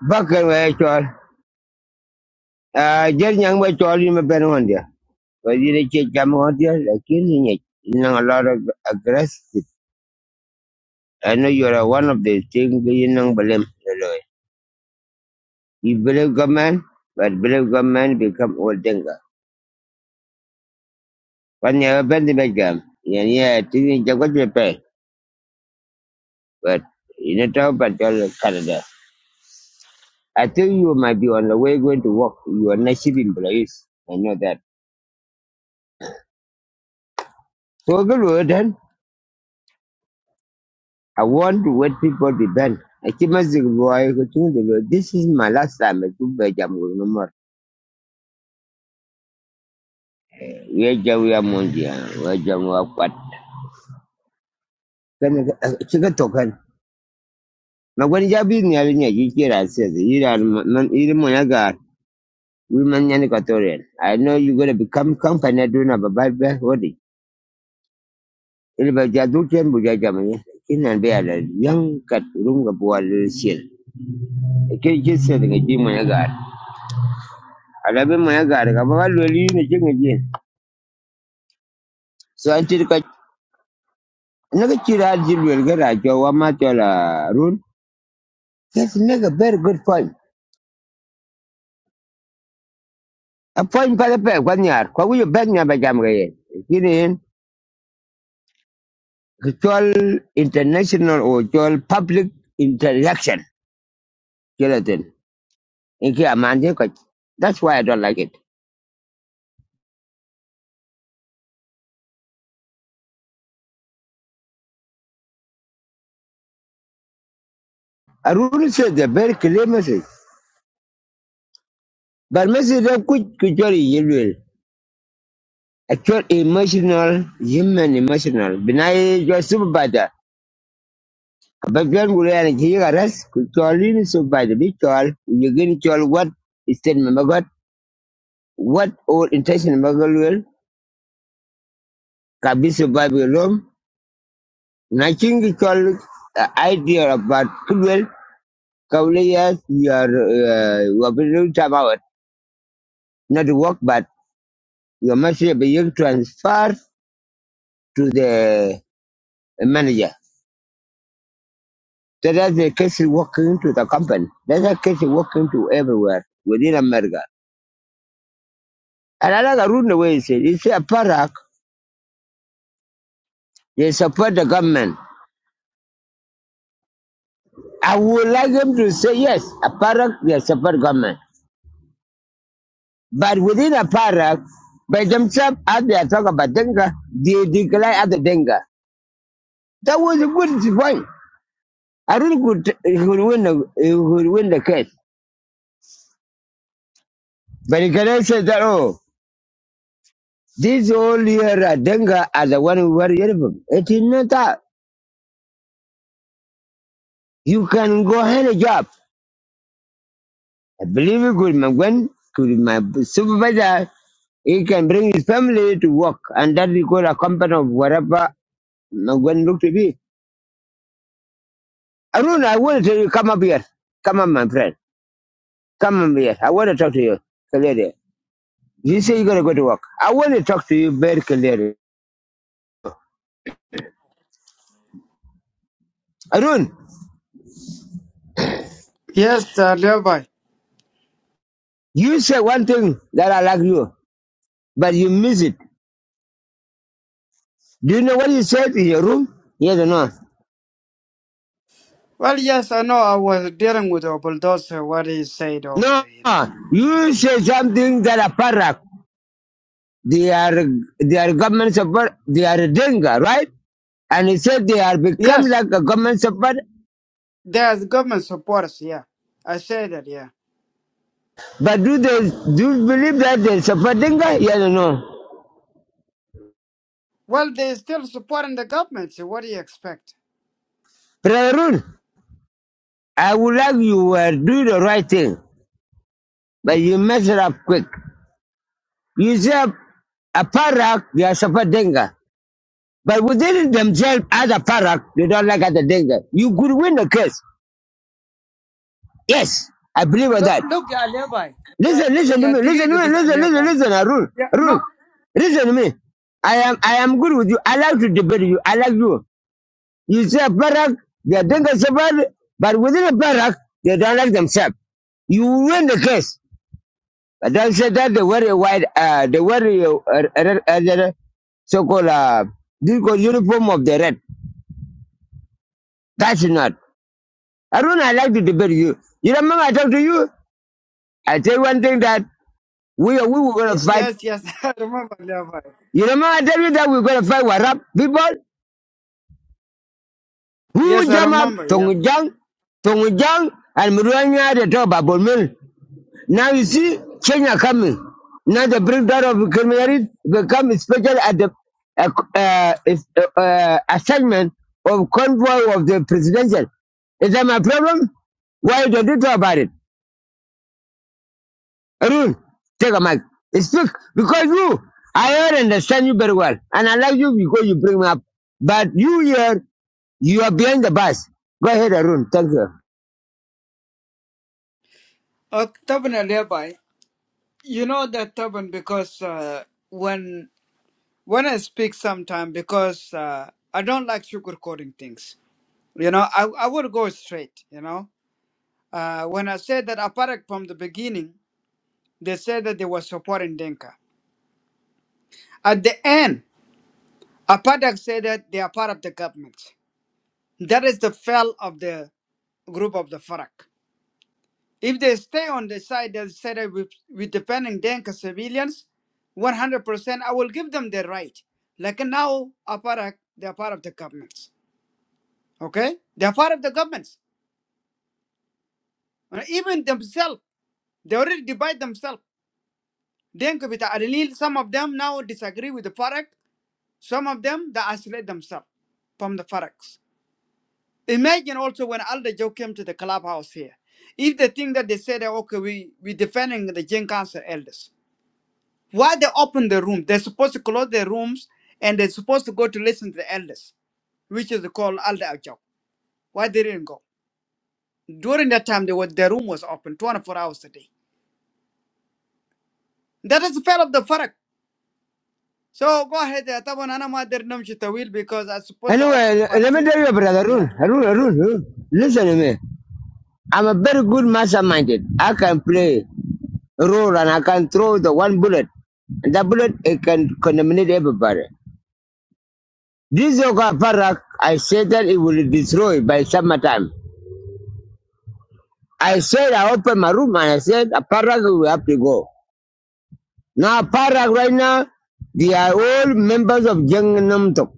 Bakar waya chol. Ah, yang nyang waya chol ni mapen hondia. Wadi ni che cham hondia, lakin ni nyek. You a lot of aggressive. I know you're one of the things you know, blame the You believe God man, but believe God man become old denga. When you open the bedroom, yeah, yeah, I think you to pay. But you know, talk about Canada. I think you might be on the way going to work. You are not shipping place. I know that. So good, I want to what people depend. I keep asking why I who told the this is my last time I took by jam with no more. We are jam we are mondia, we are jam we are quat. Can I check a token? Now when you have been near me, you hear I says, you are man, you are my god. We man yani I know you are gonna become company doing a bad body. Ili ba jadu tem bu jajam ni. Kinan be ala yang kat rum ga bo ala sel. Ke ke sel ga ji mo ya gar. Ala be mo ya gar ga So an tir Another kid I deal get a job, one rule. Yes, make very good point. A point by the back, one yard. Kwa wiyo back niya ba jam gaye. Kini yin, kitual international or kitual public interaction. Kila tin. Inki amanje That's why I don't like it. A rule says a very clear message. But message of kuch kitual yilwil. Actual emotional, human emotional. Binay your supervisor. But John Gurian Gigaras, could call in so by the big call, you get it all what is ten Magot, what old intention Magalwell, Kabiso Bible Rome, Naching it all uh, idea about Kudwell, Kaulias, your Wabilu Tabawat, not to work, but your message be you transfer to the manager. So that's the case working to the company. That's a case working to everywhere within America. And another like a said, it's a parak They support the government. I would like them to say yes, APARAG, they support government. But within APARAG, by themselves, as they are talking about Denga, they declare other Denga. That was a good point. I really could, he could win the, he could win the case. But he cannot say that, oh, these all here are Denga are the one who were Yerevan. It is not that. You can go any job. I believe it could my when could my supervisor he can bring his family to work and that we call a accompany of whatever my when look to be. Arun, I want to tell you, come up here. Come on, my friend. Come up here. I want to talk to you clearly. You say you're gonna go to work. I want to talk to you very clearly. Arun, Yes, uh, Levi. you said one thing that I like you, but you miss it. Do you know what you said in your room? Yes or no? Well, yes, I know. I was dealing with a bulldozer. What he said over No, there, you know. you said something that a paragraph. They are they are government support. They are Denga, right? And he said they are become Yes, like a government support. there's government supporters. Yeah, I say that. Yeah. But do they do you believe that they support Denga? Yes or no? Well, they're still supporting the government. So what do you expect? Brother Arun, I would like you were do the right thing, but you mess it up quick. You say a parak they are support Denga, but within themselves as a parak they don't like other Denga. You could win the case. Yes, I believe in Look, that. look, uh, Levi. Yeah, Listen, listen to yeah. me. Listen to Digiga me. was uh, Listen, listen, Levi. listen. Arun, Yeah, no. Arun, listen to me. I am, I am good with you. I like to debate you. I like you. You say Barak, they are doing bad, but within a Barak, they don't like themselves. You win the case. But don't say that they wear a white, uh, they wear a, uh, uh, uh, uh, so-called, uh, this called uniform of the red. That's not. Arun, I like to debate you. You remember I talk to you? I tell you one thing that we, we were going y- to fight. Yes, yes. I remember Levi. You know, I tell you that we're gonna fight warab people Yes, who I jam up remember. Yeah. Tongjang, Tongjang, and Murwanya the top about Mill. Now you see Kenya coming. Now the breakdown of criminality become special at the uh, uh, is- uh, uh, assignment of convoy of the presidential. Is that my problem? Why did you talk about it? Arun, take a mic. Speak because you, I already understand you very well, and I like you because you bring me up. But you here. You are behind the bus. Go ahead, Arun. Thank you. Uh, Taban uh, Levi. You know that Taban because uh, when when I speak sometime because uh, I don't like sugarcoating things. You know, I, I would go straight, you know. Uh, when I said that Aparak from the beginning, they said that they were supporting Denka. At the end, Aparak said that they are part of the government. That is the fell of the group of the Farak. If they stay on the side that said that we, we defending Denka civilians, 100% I will give them the right. Like now, Aparak, they are part of the government. Okay? They are part of the governments. Uh, Even themselves, they already divide themselves. Then could be the Adalil, some of them now disagree with the Farak. Some of them, they isolate themselves from the Faraks. Imagine also when Al Dajo came to the clubhouse here. If they think that they said, okay, we, we defending the Jain Council elders. Why they open the room? They're supposed to close their rooms and they're supposed to go to listen to the elders which is called Al Ajab. Why they didn't go? During that time, they were, their room was open 24 hours a day. That is the fail of the farak. So go ahead. uh, طبعا أنا ما أقدر نمشي طويل because I supposed to offer Anyway, part let two. me tell you, brother Yeah. Arun. Arun, Arun, Arun. Listen to me. I'm a very good masterminded. I can play a role, and I can throw the one bullet. And that bullet, it can contaminate everybody. This yoga parak, I said that it will destroy by summertime. I said, I opened my room and I said, a parak will have to go. Now, parak right now, they are all members of Jeng Tok.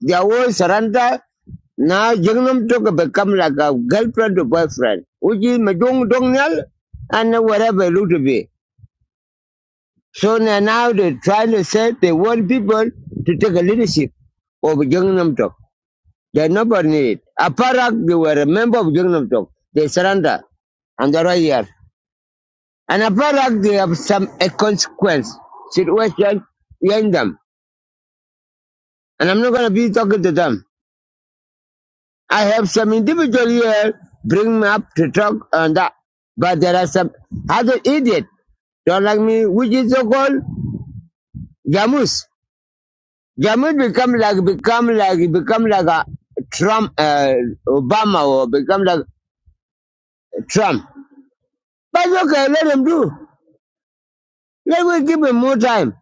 They whole surrender now Jignam took become like a girlfriend or boyfriend, which is Majung Dongnal and whatever it would be. So now they're trying to say they want people to take a leadership of Jignam Tok. They nobody need. it. Aparak, they were a member of Jignam Tok. They surrender and they're right here. And Aparak, they have some a consequence situation behind them. And I'm not going to be talking to them. I have some individual here bring me up to talk on that. But there are some other idiot don't like me, which is so called Jamus. Jamus become like become like become like a Trump uh, Obama or become like Trump. But okay, let him do. Let me give him more time.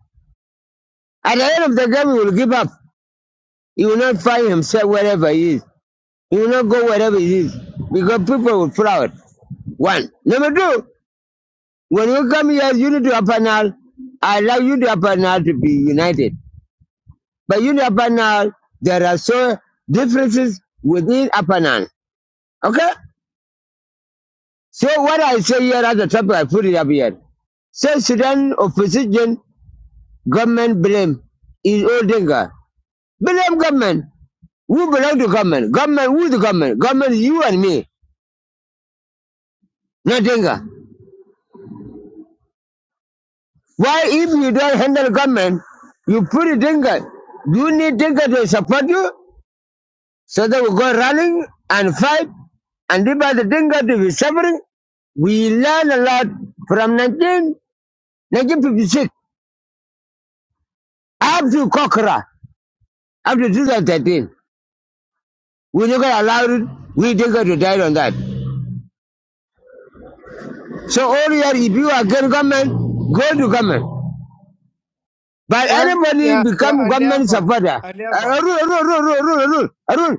At the end of the game he will give up. He will not find himself wherever he is. He will not go wherever he is. Because people will pull One. Number two. When you come here, you need to have panel. I allow you to have panel to be united. But you need a panel there are so differences within a panel. Okay? So what I say here at the top, I put it up here. Say Sudan opposition government blame is all danger. Blame government. Who belong to government? Government, who the government? Government, is you and me, not Dinka. Why, if you don't handle government, you put a Dinka? Do you need Dinka to support you? So they will go running and fight, and if by the Dinka to be suffering, we learn a lot from 19, 1956 up to Kokra, up to 2013. We never allowed it, we Dinka to die on that. So all year, if you are against government, go to government. But Well, anybody yeah, yeah, become a government nearby, supporter, a uh, nearby. rule, rule, rule, rule, rule, rule, rule.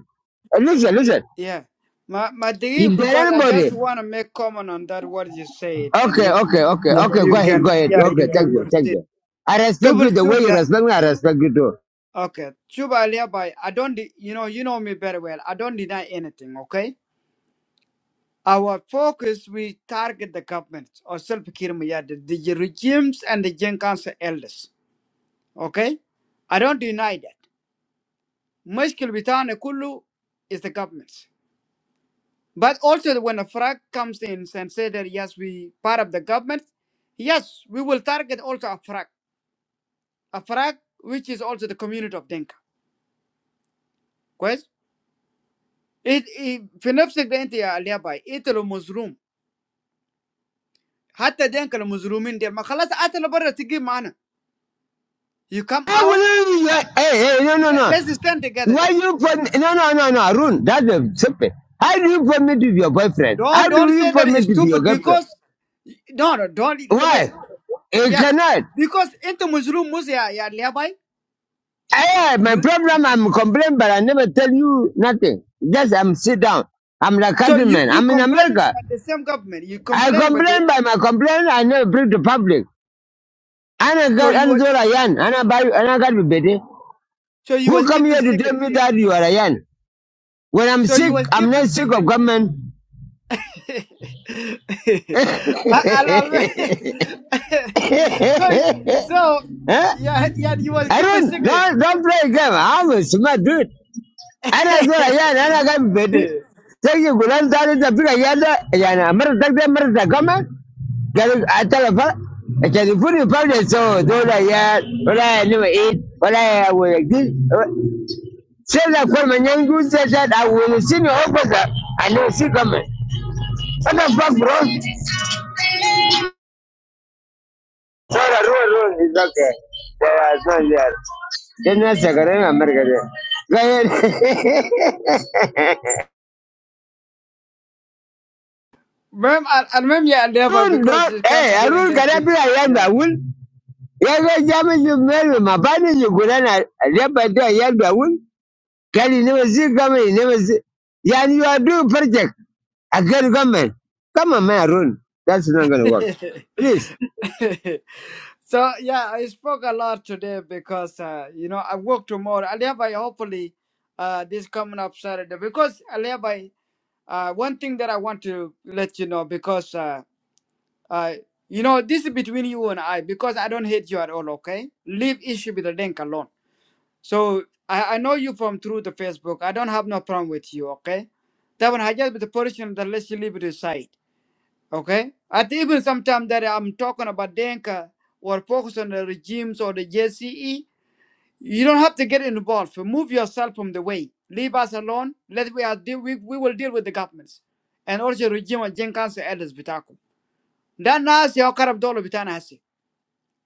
Listen, listen. Yeah. My my degree If there because I just anybody want to make comment on that what you said and Okay, then okay, okay, yeah okay. Go you ahead, go can ahead. yeah Okay, you thank can you, thank proceed. you. I respect you Tubal the way tube you yeah respect me. I respect you too. okay tube alibi. I don't de- you know you know me very well. I don't deny anything. Okay. Our focus we target the government or self kirmaya the, the regimes and the Gen Council elders. Okay? I don't deny that. Mushkil bitana kulu is the government. But also when a frag comes in and say that yes, we part of the government, yes, we will target also a frag. A frag which is also the community of Denka. Quest? It it في نفسك ده انت يا الياباي انت لو مظلوم حتى دينك لو مظلومين دي ما خلاص قاتل بره تجي معانا you come I will. out Hey, hey, hey, no, no, le- no. let's stand together Why then you permit? No, no, no, no. Arun, that's a stupid. How do you permit to be your boyfriend? don't How don't do you say that is permit to be your stupid girlfriend? because no no don't wait Why? You Yes, cannot. because into Muslim Musa ya ya nearby. I have my Mu- problem. I'm complaining, but I never tell you nothing. Just I'm sit down. I'm like So you countryman. you I'm in complaining America. about the same government. You I complaining about the complain uh, by my complaint. I never bring to public. And I so you got were another Yan, and I buy and I got to bed. eh? so you Who was come keeping here to tell secret. me that you are a Yan? When I'm So you sick, was I'm keeping not sick of secret. government. I- huh? I- I- so so yeah yeah you was I keeping don't secret. don't don't play a game. I'm a smart dude. And I got a Yan, and I got to bed. eh? Tell you Gulan that is a big Yanda, Yan, I'm not that the government. Garin a talafa a telefoni fara so dole ya wala ya nima eid will ya wala Sela kwa manyangu sasa da wele sini hokosa ale si kama. What the fuck bro? It's okay. There was no yet. Then na mer kare. Gaye. Mem I I remember yeah nearby Run because don you kind of eh getting run late. kare be- bi ya wul. Ya ga jami ju mel ma do ya wul. Kali ne wasi kama ne wasi. Yani you are doing project against government. Come on man run. That's not going to work. Yeah. Please. So yeah, I spoke a lot today because uh, you know I work tomorrow. Alibi, hopefully, uh, this coming up Saturday. Because Alibi, uh, one thing that I want to let you know because uh, uh, you know this is between you and I because I don't hate you at all. Okay, leave issue with the link alone. So I, I know you from through the Facebook. I don't have no problem with you. Okay, that one I just with the person that lets you leave it aside. Okay? At even sometimes that I'm talking about Denka or focus on the regimes or the JCE, you don't have to get involved. Remove yourself from the way. Leave us alone. Let we are deal we, we will deal with the governments. And also regime and Gen Council elders bitaku. That nasi how karab dolo bitana hasi.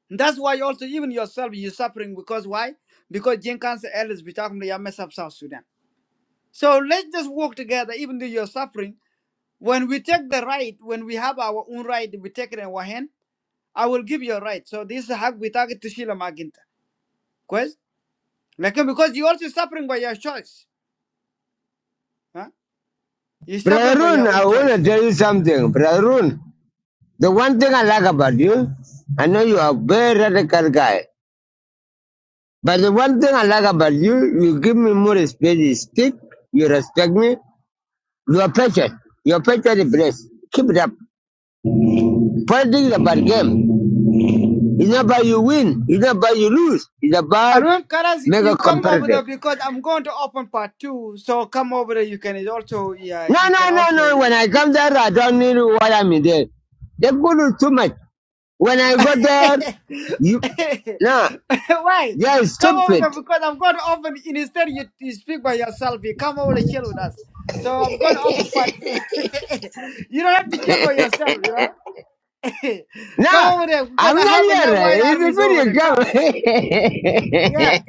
That's why also even yourself you're suffering because why? Because Gen Council elders bitaku they are mess up South Sudan. So let's just work together, even though you're suffering. When we take the right, when we have our own right, we take it in our hand I will give you a right. So this is حق بتاعك تشيله معاك انت كويس لكن because you also suffering by your choice huh? you suffering by Brotherun, your I own want choice to tell you something. Brotherun, the one thing I like about you, I know you are a very radical guy, but the one thing I like about you, you give me more respect. You speak, you respect me. You are patient. You are patient is blessed. Keep it up. Politics is about game. It's not about you win. It's not about you lose. It's about المهم Karas make you a come over there competitive. because I'm going to open part two so come over there you can also yeah No, you can no, no, also no. When I come there, I don't need what I'm in there. They put it too much. When I go there, you no. why Yeah, come stop over it. there because I'm going to open instead you, you speak by yourself you come over to chill with us so I'm going to open part two you don't have to chill by yourself You know. come No, over there because I'm I not have enough white here. It's a armies over there. video camera. Come. Yeah.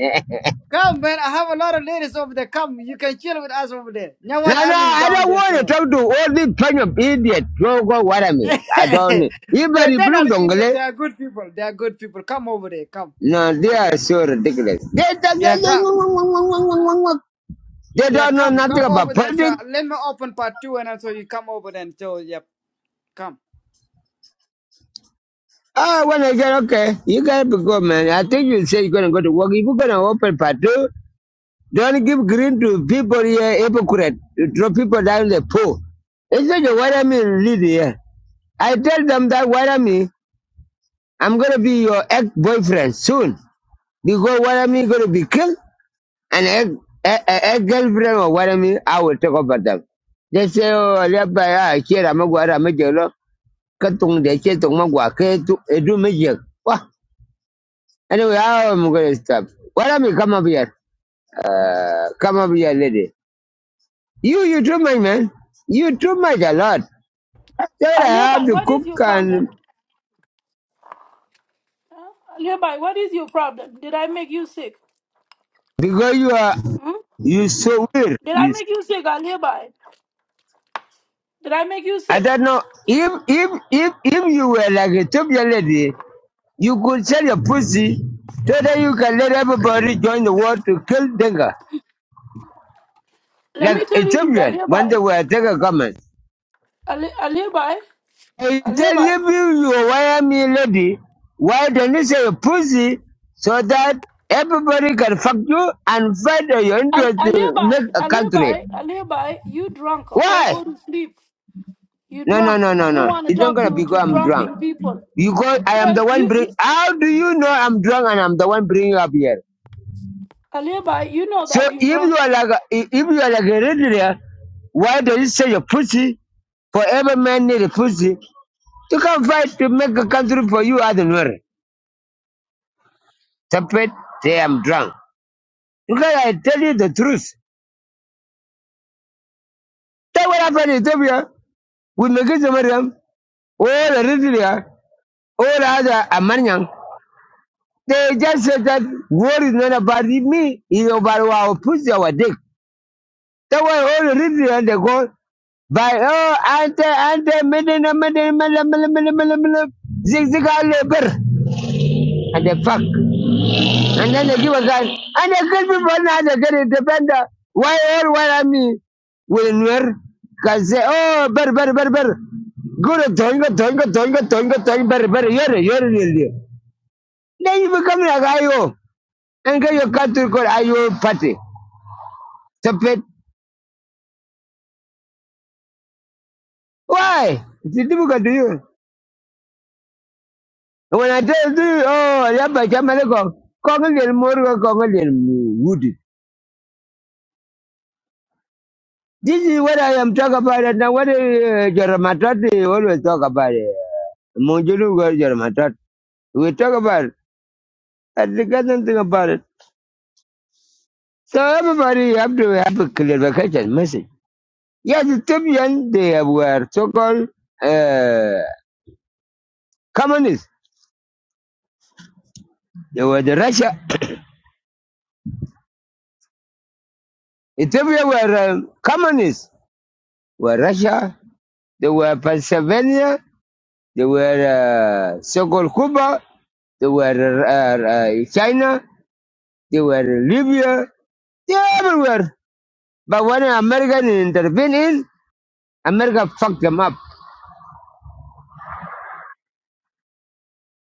Come, man. I have a lot of ladies over there. Come. You can chill with us over there. Now white no, no, army is I down don't there, want to so talk to all this bunch of idiots. Go, go, what I mean. I don't. they Even if you they're not look idiots. dongle, They are good people. They are good people. Come over there. Come. no, they are Okay? so ridiculous. They, don't- Yeah, they come. they Yeah, don't know come. nothing Come about over there. So politics. let me open part two and also you come over there and so yep. Come. Oh, when I get okay, you gotta be good, man. I think you say you're gonna go to work. If you're gonna open part two. Don't give green to people here, hypocrite. You throw people down the pool. It's not the white army lead here. I tell them that white army, I'm gonna be your ex-boyfriend soon. Because white army gonna be killed and ex, ex, ex-girlfriend or white army, I will take over them. They say, oh, left by I share a magua major, katung de chetung magua, do major. Anyway, I'm gonna stop. White army, come up here. Uh, come up here, lady. You, you do my man. You do much a lot. That I have Alibi, to what is cook your and problem? Huh? Alibi, what is your problem? Did I make you sick? because you are Hmm? you so weird. Did I You, make you sick, Alibi? Did I make you I sick? don't know. If if if if you were like a Ethiopian lady, you could sell your pussy so that you can let everybody join the war to kill Denga. Let Like me tell you this, Ethiopian when Alibi. they were Denga government. Ali- Alibi, I tell Alibi, you people you wire me lady, why don't you say pussy so that everybody can fuck you and fight your Al- interest to Alibi, make a Alibi, country? Alibi, you drunk, okay? Why? Go to sleep. You No, no, drunk. no, no, I don't no. want to It's not talk gonna to, be because to I'm drunk. drunken people. Because I am Yes, the one you, bring. you How do you know I'm drunk and I'm the one bringing you up here? Alibi, you know So that you if drunk. you are like a, if if you are like a regular, why don't you say your pussy? For every man need a pussy to come fight to make a country for you, I don't know. Stupid, say I'm drunk. Because I tell you the truth. That what happened in Ethiopia with Megiddo Mariam, all Eritrea, all other Amanian. They just said that war is not about me, it's about our pussy, our dick. That's why all Eritrea, they go, by oh, ante, ante, mene, mene, mene, mene, mene, mene, mene, zig, zig, all over. and they fuck. And then they give us that. And they kill people now, they get it. Depend on why all why I mean will never can say, oh, better, better, better, better. Good, doing it, doing it, doing it, doing it, doing better, better. You're a, you're a Then you become like IO and get your country called IO party. Stupid. Why? It's difficult to you. And When I tell you, oh, yeah, but I'm going to go. Congo, you're more, Congo, you're This is what I am talking about and now. What uh, Jaramatati always talk about it. Munjulu Jaramatat. We talk about it. I got nothing about it. So everybody have to have a clarification message. Yes, the Tubian, they were so-called uh, communists. They were the Russia. Ethiopia were um, communists. Were Russia. They were Pennsylvania. They were uh, so-called Cuba. They were uh, uh, China. They were in Libya. They're everywhere. But when America intervened in, America fucked them up.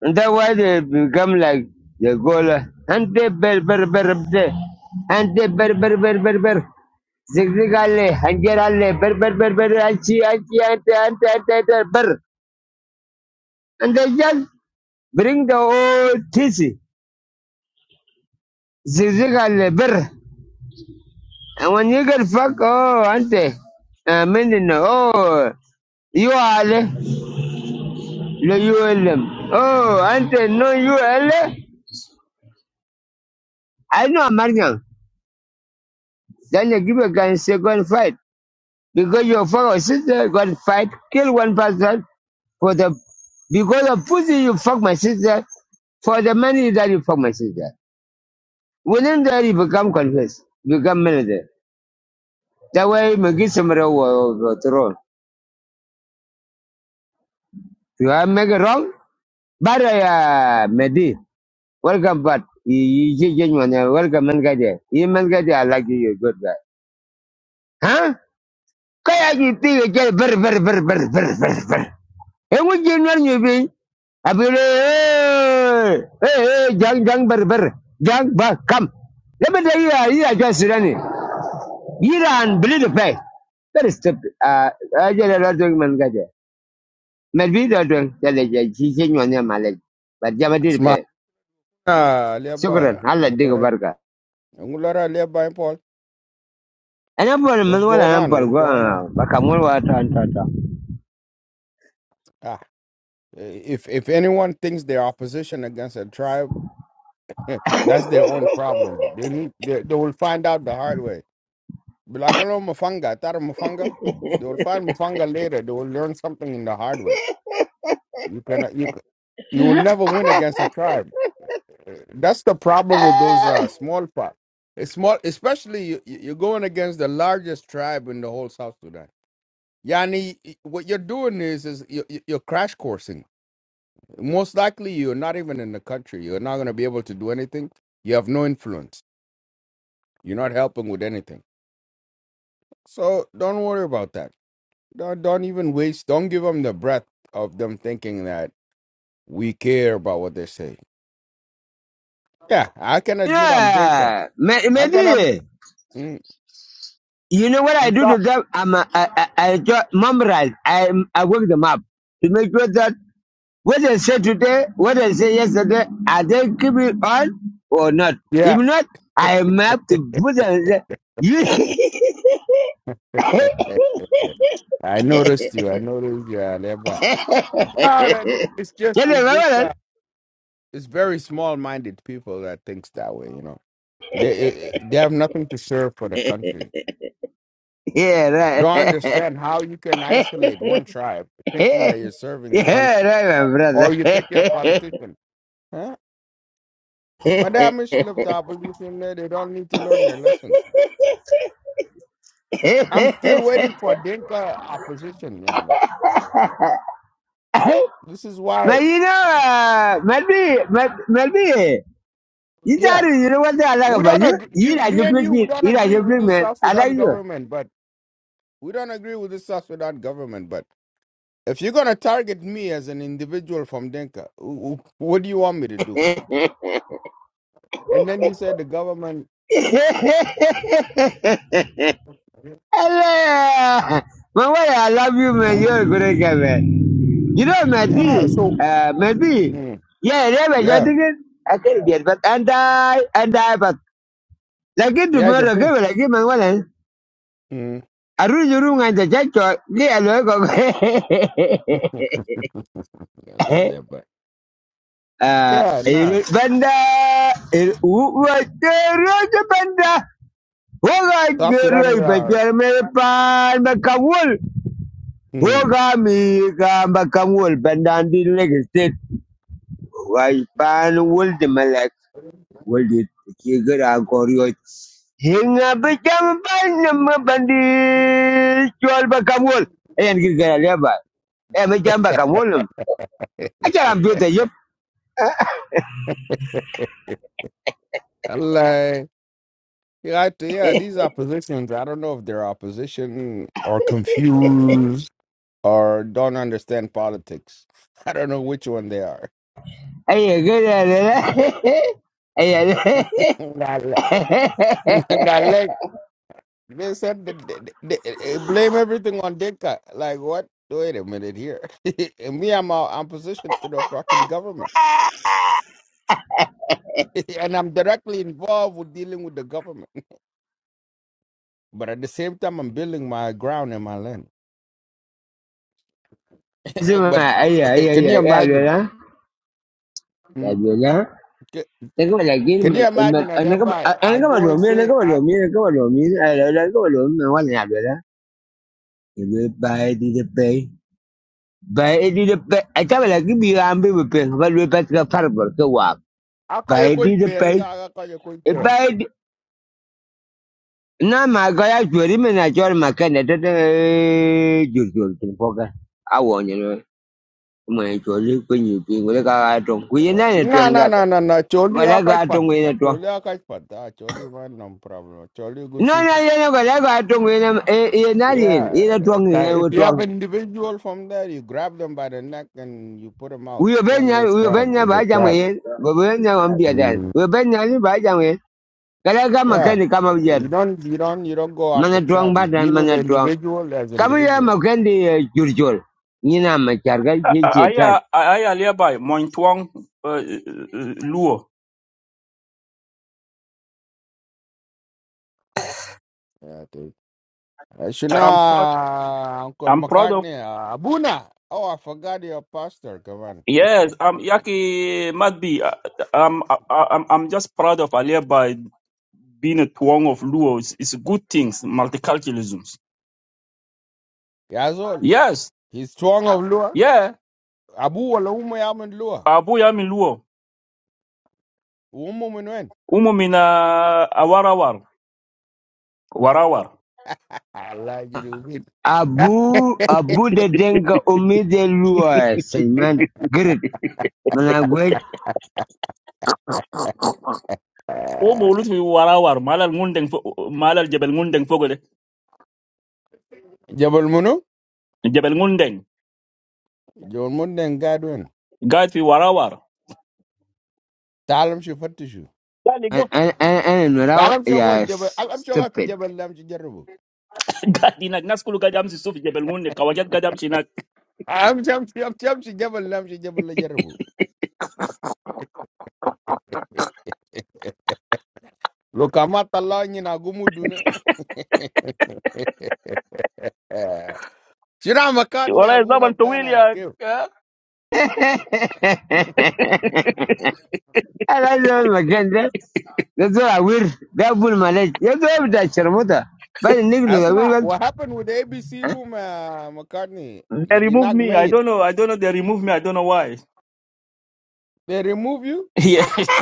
And that's why they become like the Gola. And they bear, bear, bear, bear. And they bear, bear, bear, bear, bear. Zigzigalle, Hangerale, Ber Ber Ber Ber Achi Achi Ante Ante Ante Ante Ber. And they just bring the old tissy. Zigzigalle Ber. And when you get fucked oh Ante. I mean, oh, you are. No ULM. Oh, Ante, no ULM? I know American. Then you give a gun and say, go and fight. Because your fuck sister, go and fight, kill one person for the, because of pussy you fuck my sister, for the money that you fuck my sister. Within that you become confessed, become manager. That way you get somebody overthrown. You have make it wrong? But uh, yeah, Mehdi, welcome, but you, you, you, you, welcome, man, guy there. You, man, guy there, I like you, you're good guy. Huh? Kaya you think again very, ber ber ber ber ber very. And what you know you be? I be hey, hey, young, young, very, very, young, but come. Let me tell you, uh, you are just running. You are unbelievable. Very stupid. ah, I just don't think man got it. Maybe that one, that is a chicken on your mallet. But Java did Smart. pay. Ah, Lebai. Sukuran, I'll let dig a Ngulara, burger. ngulara Lebai, Paul. And I'm for What's Manuel going and I'm on? for What's go, going uh, on? but come on, what, and, and, and. Ah, if if anyone thinks they're opposition against a tribe, that's their own problem. They need they, they will find out the hard way. Bilagolo Mufanga, Tara Mufanga. They will find Mufanga later. They will learn something in the hard way. You cannot you c- you will never win against a tribe. Uh, That's the problem with those uh, small parts. It's small, especially you, you- you're going against the largest tribe in the whole South Sudan. Yani, what you're doing is is you're, you're crash coursing. Most likely, you're not even in the country. You're not going to be able to do anything. You have no influence. You're not helping with anything. So don't worry about that. Don't, don't even waste. Don't give them the breath of them thinking that we care about what they say. Yeah, I can admit I'm Dinka. Yeah, I can. I'm. maybe. mm, You know what I I'm do sorry. to them? I'm a, I, I, I ju- memorize. I, I work them up to make sure that what I said today, what I said yesterday, are they keeping on or not? Yeah. If not, I have to put them. and say, You, I noticed you. I noticed you. I never. No, you that- it's just. know It's what just. uh, it's very small-minded people that thinks that way. You know, they eh, eh, they have nothing to serve for the country. Yeah, right. Don't understand how you can isolate one tribe, thinking that you're serving the yeah, country, right, my brother. or you think you're a politician. Huh? But they are miskil of the opposition. They they don't need to learn their lessons. I'm still waiting for Dinka opposition, Yani. This is why, but you know, uh, maybe, maybe. You thought yeah, you know what I like we about don't you? agree. You You, like me your and you, we pretty. don't You like agree your with pretty this man. South I like Sudan you. government, but we don't agree with this South Sudan government, but. If you're gonna target me as an individual from Denka, wh- wh- what do you want me to do? And then you said the government, Hello. My boy, I love you, man. huh? You're a good guy, man. You know, Yeah. maybe, So, uh, maybe, mm, yeah, yeah, but you're yeah, thinking, I can get, but, and I, and I, but, like it yeah, I can tomorrow, think. give it, like it, my wallet. Mm. I read your room and the judge, yeah, I Yeah, look, la- la- but- Uh, yeah, nah. il banda, il uwa tero je banda. Hoga South tero Sudan is our. ipajar mere pan bakangul. Mm. Hoga mi ka bakangul banda di Lagos State. Wai pan wul di malak. Wul di kira koryot. Hinga becam pan nama bandi jual bakangul. Ayan kira kira leba. Eh macam bakangul. Acara ambil tajam. Allah. Yeah, I- t- yeah, these are positions. I don't know if they're opposition or confused or don't understand politics. I don't know which one they are. Ayan kira leba. Ayan. Hey hey hey hey, Allah. They said that they, they, they blame everything on Dinka. Like what? Wait a minute here. and me, I'm i I'm positioned to the fucking government, and I'm directly involved with dealing with the government. But at the same time, I'm building my ground and my land. but isumah ayah ayah can you ayah imagine? dola Mm, dola, ca- then kau lagi, Can you imagine? And ane kau thereby, ane I kau go and malomin, ane say, kau I. malomin, ane kau malomin, ayolah ane kau malomin, macam ngap dola? Bay di depe, bay di depe, ane kau lagi biar ambil bepeng, kau lupek kau tarik kau wak, I call you bay di quite fair. like, depe, I call you quite fair. bay na makaya curi mana curi makan, nederde jujur sini pokok, awon jono, kau meneh curi punya pin, kau dekak kacang, kau yenane No, kacang no, gata. no, no, no. Choli, Kwala I ga quite tong fun. twang. Choli, I quite fun. Ah, Choli, man, no problem. Choli, good No people. na ye na kwala ga tong ina e e na ye Yeah, uh, twang ni ca- if e you have twang. an individual from there, you grab them by the neck and you put them out. Uyo Don't benya waste uyo time benya with ba the jam trap. ye. Ba benya am dia dan. Mm, Uyo benya ni ba jam ye. Kwala ga Yeah, makani kama Uh, jer. you don't, you don't, you don't go Mana after twang trap. ba You dan deal with mana the twang. individual as Kamu individual. jurjol. Ni na ma charga I I uh, I alibi Mointuang uh, uh, uh, Luo. Yeah, I think. Uh, Uh, I'm proud. Shuna, Uncle I'm proud of. McCartney, uh, Abuna. Oh, I forgot your pastor. Come on, Yes, I'm Yaki Madbi. uh, I'm I- I'm I'm just proud of alibi being a Tuang of Luo. It's, it's good things, multiculturalism. Yazol. Yes, He's strong of Lua. yeah. Abu wala umu yaman Lua. Abu Yami Luo. Umu minwen. Umu mina awarawar warawar. Allah you. Abu abu de denga umide luwa señman grit. Mana gwe Umu ulut fi warawar. Malal ngundeng fo- malal Jebel ngundeng fogole. Jabal Munu. Jebel ngundeng. John Munden Gadwin. Guide fi warawar. Talam she Fatishu. an an Talam she got Jebel. I'm sure I stupid. Jebel Lam she Jerubu. قاعد هناك ناس كله قاعد امشي السوق في جبل منى كواجات قاعد امشي هناك I'm Jam Jam Jam she Jebel Lam she Jebel Jerubu. Look, I'm at the line in Agumu Dune. Shira McCartney والله Abuna زمن طويل Tana يا Kill. يا- أنا المكان ده ده زول عوير ده أبو الملك يا زول بتاع الشرموطة بعد النجم عوير Asma, بس what happened with the ABC room, uh, McCartney? they remove Liginak me I made. don't know I don't know they remove me I don't know why They remove you? yeah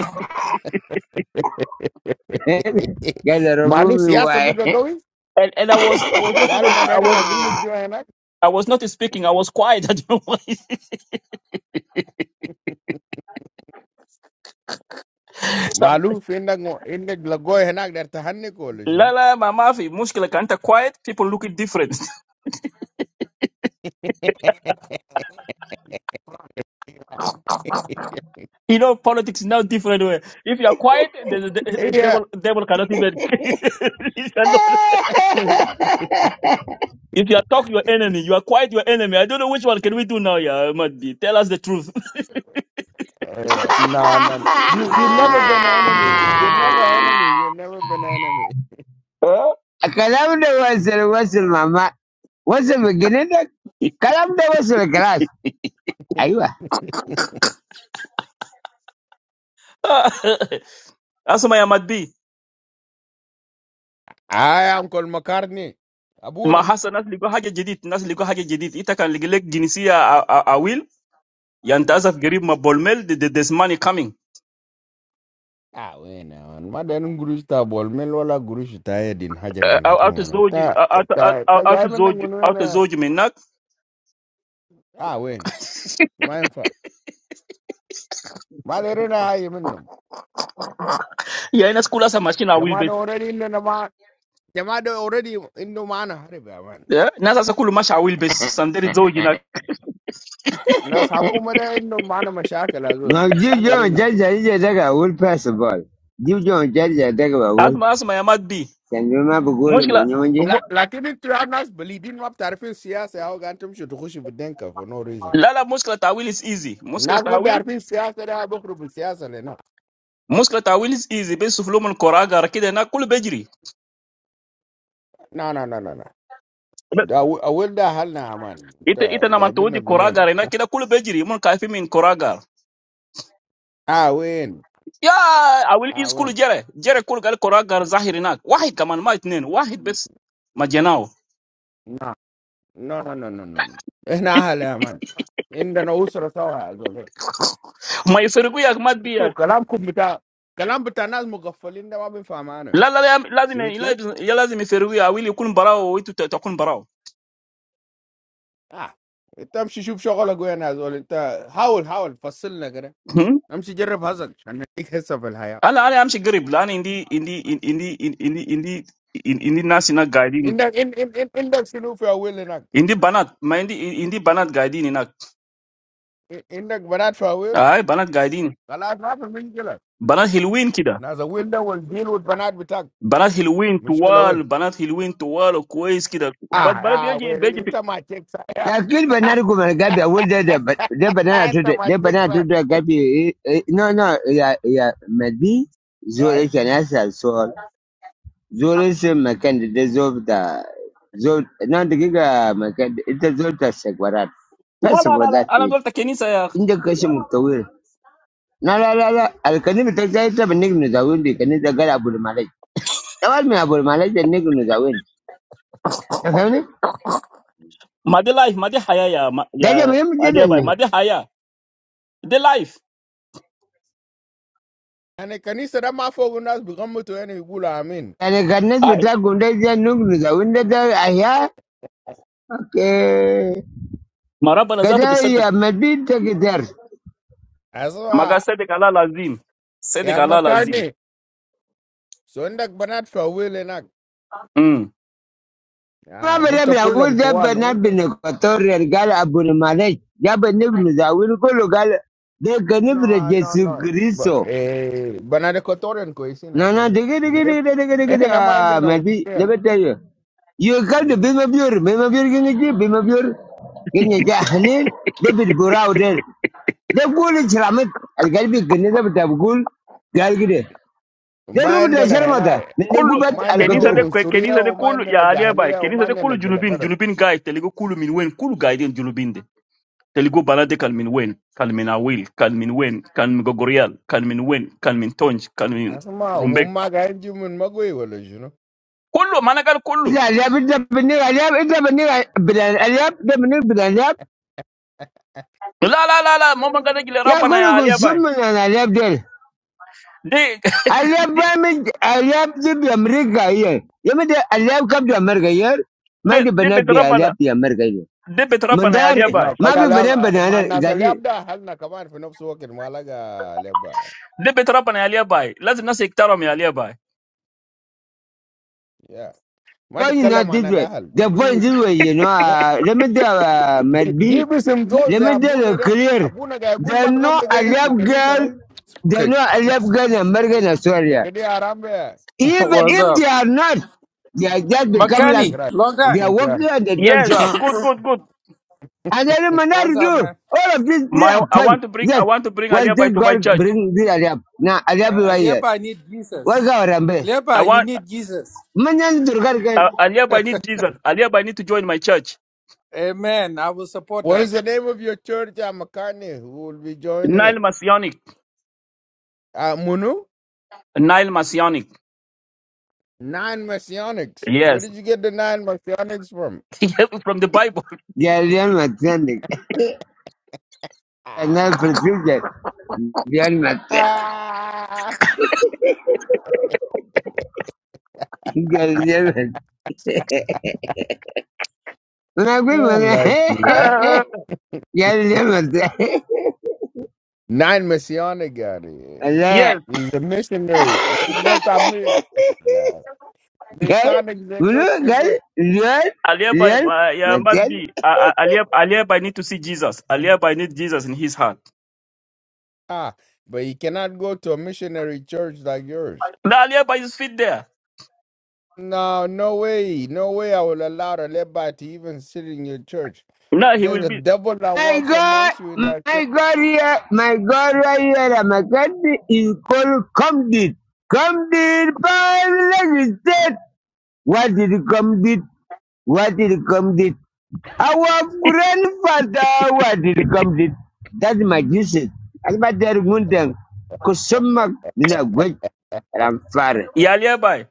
قال Manu ربوبي siyasa واي biga gawi? and and I was I was not Galu even I madari was na gumu I was not speaking I was quiet I don't know why Some- معلوف انك انك لقوه هناك دار تهنك ولا شنو؟ لا لا ما ما في مشكلة كان quiet people look it different you know politics now different way if you are quiet the, the, the Yeah. devil devil cannot even He cannot. if you are talk your enemy you are quiet your enemy I don't know which one can we do now yeah Mahdi tell us the truth no, no, no. You you never been an enemy. You never an enemy. You never been an enemy. الكلام ده وصل وصل ماما وصل بجنينك الكلام ده وصل خلاص أيوه Asma ya madbi, I am Col McCartney. Abu na. mahasanasi liko hagejedit, nasasi liko hagejedit. Ita kan ligelek gini si a a a will. Yanta azaf gari ma bolmel the the money coming. Ah well, no one. Madam Guru should not bowl. Men will not Guru should die. Din Hajer manakum Out of man. zone, Ta out out ta ta. out Jai of zone, out of manangunuena. zone you mean not? Ah well, my infar. Madiruna hiy menum. Yea, ina school asa machine a will Jama do base. already in the name. They are already in demand. Are they? Man, Nasasa kuluma cha will base. Sandiri zone you na. now Sakumada is in demand as ما well. I جيب don't جون know. جرجع يجي ده أول باس بول جيب جون جرجع ده أول Asma asma ya madbi. كان ما بقول Muscle, من يوم جه But when you talk about politics, you talk about politics. For no reason. lala muscle ta will is easy. Now Muscle you talk ta will. about politics. You talk about politics. Muscle ta will is easy. Besuflu mo nkoraga rakidena kulubediri. No, no, no, no, no. The old people are not ita ita na the man tawdi ones who do it. koragar ina kida kul bejiri mun kaifi min koragar Ah, win. ya awil Ah, is kul win. jere jere kul gal koragar zahir inak wahid kaman ma itnen wahid bes majanao No, no, no, no, no. It's not the people. It's the old people who are ma yefirgu yak mat biya doing it. The language is very, the language is very difficult for us to understand. la la la lazim Sweet, keep. ya lazim yefirgu ya awil yakun barao wa itu takun barao Ah, itta hamshishup shakala goya na zolita howl howl fassil na kere. Hmm? Hamshijerre fazat. Anni ikhessa falhayya. ala ala amshi garib la indi indi indi indi indi indi indi nasi guiding Indak ind ind ind indak sinufa wheel enak. indi banat ma indi indi banat guiding inak Indak banana wheel. ay banat guiding Galat galat mishiqla. banat hilwin kida Na zowilda wozin woz banana bitak Banat Hilwin mishiqla Tual, woin. Banat Hilwin Tual, O Kweiskida, but Ah Banat ah Biji woin. Biji. Ita ma chicksa. Ya kiri ba na rigo mana gabi a wuri da da ba da ba na to Ita da ma da banana na to chicksa. da gabi eh, eh, no no ya ya mabi zo Yai. yake na sa so zo rese makan da da zo da zo the da my makan da ita zo ta sagwarat La first of la all la la. that's it. Anasol ta Kenisa ya. In the question of the will. No, no, no, no. I'll can even take that up and nigga the wind. Can it inda ka shi muktawir na la la la alkanim ta sai ta ban nignu zawin da kanin da gara abul malai the mai abul malai da That's zawin ka fahimta Mad life, madaya ya da ga ya mai mujidan nearby, ne madaya. The life. Ane kanisera ma foguna z bukamu tueni igula amin. yani gannas I. ta gundai da nignu zawin da da ahya Okay. Maraba nasato Kada besedi. ya madinta gidar. Aswa Magasedi kala lazim. Sedi ya kala lazim. makardi. So indak banana wheel enak. Hmm. Ma Ah, bara gutta bila kullum wuza tuwal mu. bana bin Equatorial gal Abu Malik. Ya bani bin Zawir kulu gal de gani bin No, no, Jesu no. But Christo. Eh, banana kotoren ko isin azol Nana he. digi Bine digi digi digi digi eh digi na mande ah na madi usuria. lebeta yo. You You come to Hmm. Bima Bure, Bima Bure gini ji, Bima Bure gini ji ahlil, David Burau der. De gulu chiramit, algalbi gini da bata gul gal gide. De rumu Mande da na hena. sharmata, eh. min gubat al Mande na Kenisa Qatar. de k, usuria, Kenisa de o kulu mande na ya nearby. jahiliya, o Kenisa de mande na kulu julubin, giladar. julubin guy. Telego kulu minwen, kulu guy den julubinde. Telugu Balade can win, can win a will, can win, can go gorial, can win, can win touch, can win. Asma humma ga mun magoi wala juno. Kolu, managa kolu. Allyab, ita benni Allyab, ita benni Allyab, ita benni Allyab. La la la la. Momu kada gilera Ya pana ya kulo aliyabai. kusum na Allyab del. De Allyab wa min Allyab di Amerika iye. Ya min Allyab kabo Amerika iyo. de Ma ni de bannat bi petra pana. Allyab di Amerika iyo. De petra pana ya Mundaari. aliyabai. No, Ma kaya bi lab bannat ma banna nasa zali. labda hal na kaman fi nafsu wakil malaga labda. De petra pana ya aliyabai. Lazina sekta rom ya aliyabai. Yeah. Ma Point tikalla not ma this na way. They point this way. You know. uh, Let me tell دي Madbi. باسم زول Let زي me tell ابونا you ده clear. ابونا قاعد يقول They ما know تغمض عينك في Allyab الكنيسه girl. ده They Okay, know Allyab girl Amerika Nigeria. كده يا حرام يا Even what's if they up? are not, they are just يا become فوق like Makani, جنجراي long they time. are working and they don't Yes, show up. good good good. And they don't What's up, do. man? All of this, they My are I fine. want to bring I Yes. want to bring One aliyabai thing to my God church. bring this Arab. Now, Arab is Uh, right here. Aliaba, I need What Jesus. God Rambe? I Aliaba, you want need Jesus. Manyan Durgar can. aliyabai need Jesus. Aliyabai need to join my church. Amen. I will support What that. is the name of your church, uh, Makani? Who will be joining Nile it? Masonic. Uh, Munu? Nile Masonic. Nine Messianics. Where Yes, did you get the nine Messianics from? from the Bible. They are real matanding. Ah, now for future. They are not. They Ah. Now real matanding. Una gwi I like you. man. mana yar yar mata Nine Messianic guy. Allah Yes, He's a missionary. He's not a man. Nah. kai Messianics, they're good. mulu They're gal good. Aliaba, yar uh, yeah, yar might be. Uh, Aliaba, Aliaba need to see Jesus. Aliaba need Jesus in his heart. Ah, but he cannot go to a missionary church like yours. Now Aliaba is fit there. No, no way. No way I will allow the Levi to even sit in your church. Now he There's will a be. devil that My walks God, amongst you in that church. my God, yeah, my God, right here, that my country is called Comdit. Comdit, Parliament State. What did Comdit? What did Comdit? Our grandfather, what did Comdit? That's my Jesus. I'm not there, Mundang. Kusuma, Nina, wait, and I'm far. Yeah, Aliaba.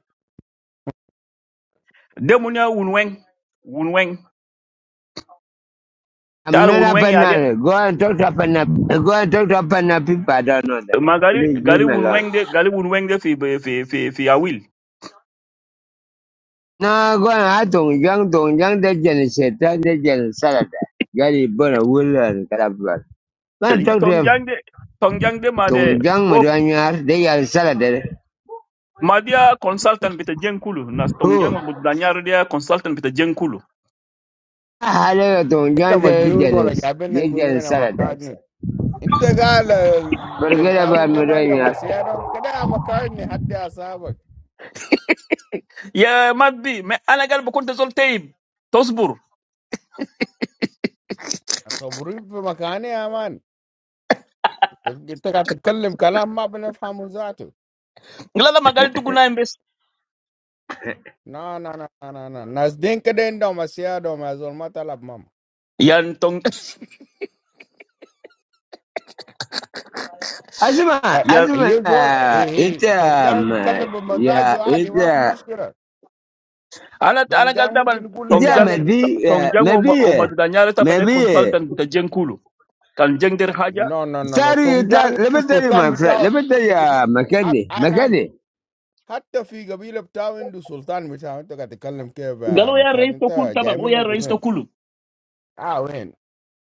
Demunia Wunweng. Wunweng. I'm That not a Wunweng, ya Ali- banana. Go and talk to a banana. Go and talk to a banana people. I don't know them. Magali, Please leave Gali me alone. Wunweng, de, Gali Wunweng, de, fi, fi, fi, fi, fi, Awil. Now go and I don't young don't young that gen said that they gen salad. Gary burn a wool and carabra. Man talk to him. Tongjang de, Tongjang de, ma de, Don't oh, madanyar, they are salad. ma dia consultant bita jenkulu. Nas Tongjang, Who? ma budanyar dia consultant bita jenkulu. I had a don't Ita young they majnun wala genus. gabi na gunu na makarni. Inta gala den Forget about kawin da madanyar. kada a makarni hadda asabak. Yeah, might be. Me, anagal bukunta zol teib. Tosbur. Asaburi fi makani aman. Ita ka takallim kalam ma bana zatu. Glala Magali tukunaim No, no, no, no, no. no. Nas den kada inda masiyara ma matalab Yan tong Asma, yan Asma, يجي ايه it um, تونجان يتكلم yeah, بمزاجه عادي، it ما في uh, مشكله. ana ana gal تونجان ممكن taban it يقول tong لي yeah, jang حاجه، maybe, tong uh, jang o ma- maybe, o uh, madanyare taban e maybe. uh, consultant ta jeng kulu kan jeng der haja نو نو نو نو، Sorry, you tell, تونجان let me tell you, السلطان my friend, بتاعه let me حتى tell you, في قبيله، uh, makani. انا Makani. حتى في قبيله بتاعه عنده سلطان بتاعه. انت قاعد تتكلم كيف galo ya مكان reis to انت kulu taban جاي o ya منك من reis to وين؟ kulu اه وين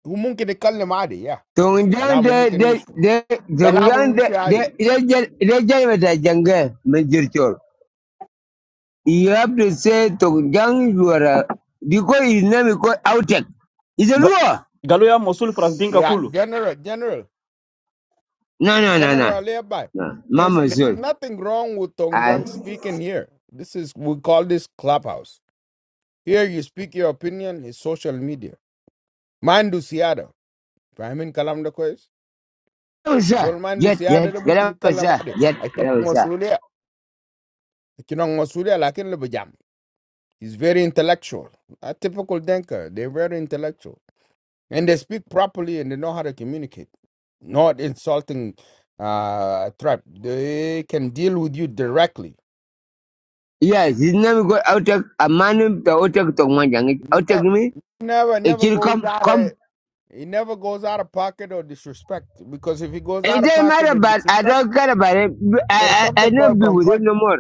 هو ممكن يتكلم عادي، يا Tungdan كلامه de ممكن de يمشي، de كلامه tungdan de يمشي de عادي. de de de jange major chol. You have to say tungdan you are because his name is called Outek. Is a Ga- Luo? galo ya mosul france dinka يا kulu جنرال جنرال No no no no General Levi, no. there's, Mama there's Zul. nothing wrong with I. Tongjang speaking here. This is we call this clubhouse. Here you speak your opinion It's social media. Mandu siada. Fahimin kalam da kwez. Mama Sir, Zol mandu get get siada da get mungkin out kalam sir ade. get get Akinang out sir. masulia. Akinang masulia lakin lebe jam. He's very intellectual. A typical denker. They're very intellectual. And they speak properly and they know how to communicate. Not insulting uh, tribe. They can deal with you directly. Yes, his name is called Outek. A man the Outek tungman jange. No. Outek me. never It never will goes come out of come. he never goes out of pocket or disrespect because if he goes It out of doesn't pocket matter, and but I disrespect, don't care about it. there's I I, I something not called be with him concord. no more.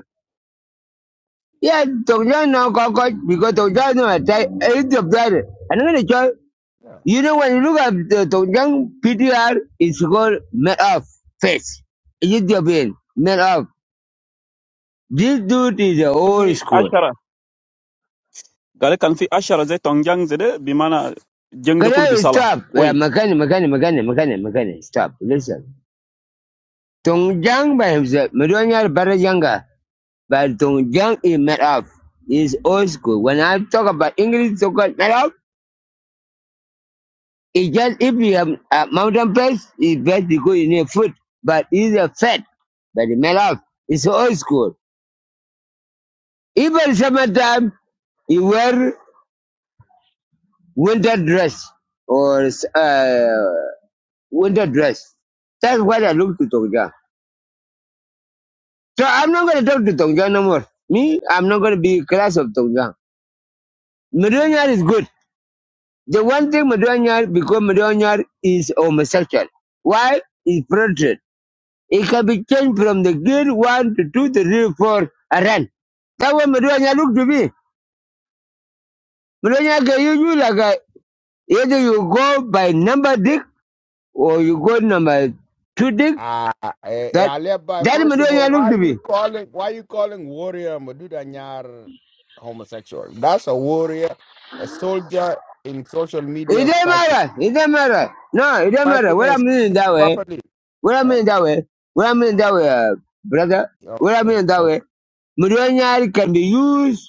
Yeah, Tongjang no cockroach because Tongjang no attack eight of that. And I'm gonna tell Yeah. you know when you look at the Tongjang PTR, it's called made of face. Ethiopian made of. This dude is the old fi school. ashara gale kan fi ashara ze tong jang ze bi mana jeng de Can kulu bi I sala stop? Yeah, koy Makani, Makani, Makani, Makani, Makani, stop. Listen. Tongjang by himself, Madonya Barajanga, but Tongjang is made of. Is old school. When I talk about English, so called made of. It's just if you have a mountain place, it's best because you need food, but it's a fat, but it made up. It's old school. Even summertime, you wear winter dress or uh, winter dress. That's what I look to Tongjang. So I'm not going to talk to Tongjang no more. Me, I'm not going to be class of Tongjang. Medonyar is good. The one thing Medonyar, because Medonyar is homosexual. Why? It's protected. It can be changed from the grade one to two to three, four, and run. That way, Maduanya look to me. Maduanya can use you like a, either you go by number dick or you go number two dick. Ah, eh, eh, That Aleba, that first of all, Maduanya look why to me. you calling why you calling warrior Maduda Nyar homosexual? That's a warrior, a soldier in social It media doesn't fighting, matter. It doesn't matter. No, it doesn't matter. fighting What and I mean speaking that way. properly. What I Huh? mean that way. What I mean that way, uh, brother. What I Okay, mean that way. okay. Maduanya can be used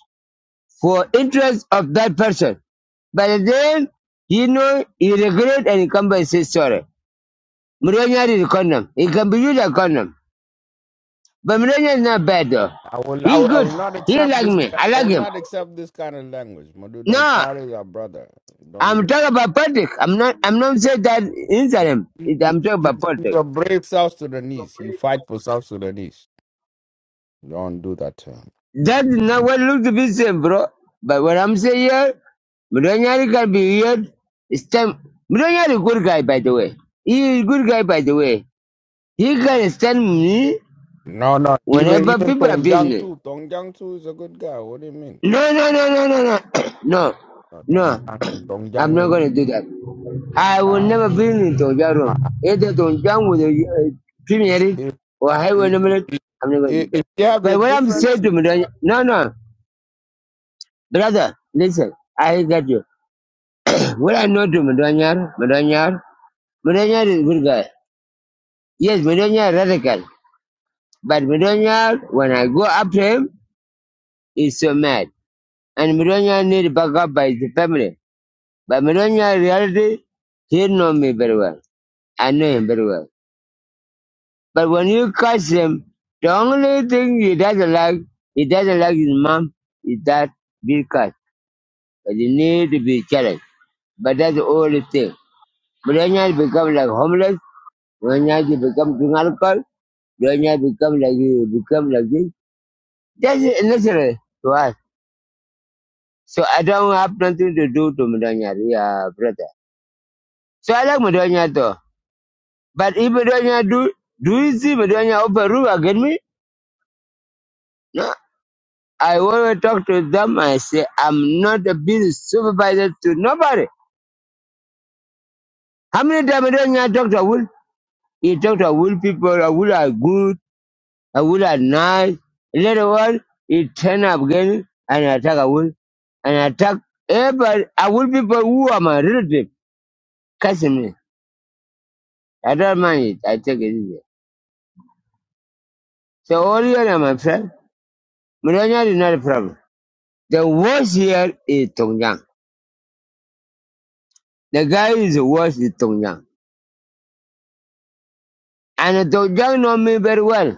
for interest of that person. But then, you know, he regret and he come back and say sorry. Mourinho is a condom. He can be used a condom. But Mourinho is not bad though. I will, I He's will, I good. will not He don't accept like this. me. I I like will him. not accept this kind of language. Maduda No, Nyar is our brother. Don't do I'm talking about politics. I'm not, I'm not saying that inside him. He It- you- I'm talking you- about He's politics. a brave South Sudanese. He fight for South Sudanese. Don't do that. to him. That's not what looks to be same, bro. But what I'm saying here, Mourinho can be weird. It's time. Mourinho is a good guy, by the way. He is a good guy, by the way. He can stand me No, no. Even whenever even people Tong abuse Jiang me. too. Tong Jiang too is a good guy. What do you mean? No, no, no, no, no, no, no, Uh, Tong no. Jiang, Tong I'm Jiang not is gonna do that. I will uh, never bring into your uh, room. Either to jump with a premier if, or highway if, number. if I'm not gonna do if that. if you have your But what I'm difference, saying to Madonna, no, no, brother, listen, I got you. what I know to Madonna, Madonna, Madonna is a good guy. Yes, Madonna is radical. But Madonna, when I go after him, he's so mad. And Madonna need backup by the family. But Melania, in reality, he know me very well. I know him very well. But when you catch him, the only thing he doesn't like, he doesn't like his mom, is that being cut. But he need to be challenged. But that's the only thing. Melania become like homeless. Melania become drink alcohol. Melania become like you, become like this. That's necessary to us. So I don't have nothing to do to Melania, yeah, brother. So I like Melania though. But if Bedonia do do you see Bedonia open room against me? No. I always talk to them. I say I'm not a business supervisor to nobody. How many times Bedonia talk to Awul? He talk to Awul people. A Awul are good. A Awul are nice. Later on, he turn up again and attack Awul and attack everybody. A Awul people who are my relative. Cussing me. I don't mind it. I take it easy. So all you are my friend. Bedonia is not a problem. The worst here is Tongjang. The guy is worse than Tongjang. And Tongjang know me very well.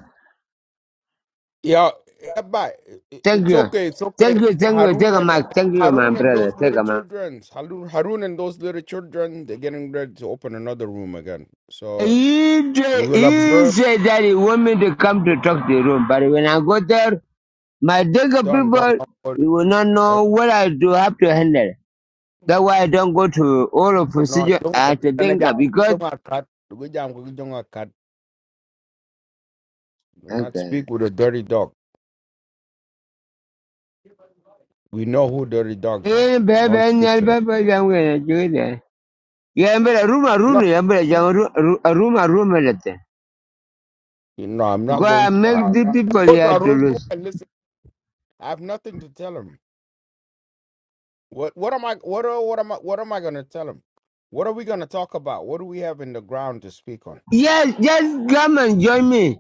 yeah, yeah, but it- it- Thank it's you. okay. It's Thank okay. you, thank you, take Harun a and mic. Thank you, my Harun and brother. those Take little a mic. children, Harun, Harun and those little children, they're getting ready to open another room again. So He, we tra- will he observe. said that he want me to come to talk to the room, but when I go there, my Denga Don't don't people don't you worry. will not know what I do have to handle. That's why I don't go to all of No, procedure don't. eh, at the And I Denga because don't want cat. We jam. We don't want cat. Do not okay. speak with a dirty dog. We know who dirty dogs are. Eh, baby, Don't eh, speak nyal, to them. baby, jangu, eh, jangu, eh. Yeah, I'm better room a room, No, I'm room a room, you know, I'm not because going I to make I, I the people go to here to Arun room lose. and listen. I have nothing to tell him. What what am I what are, what am I what am I gonna tell him? What are we gonna talk about? What do we have in the ground to speak on? Yes, just come and join me.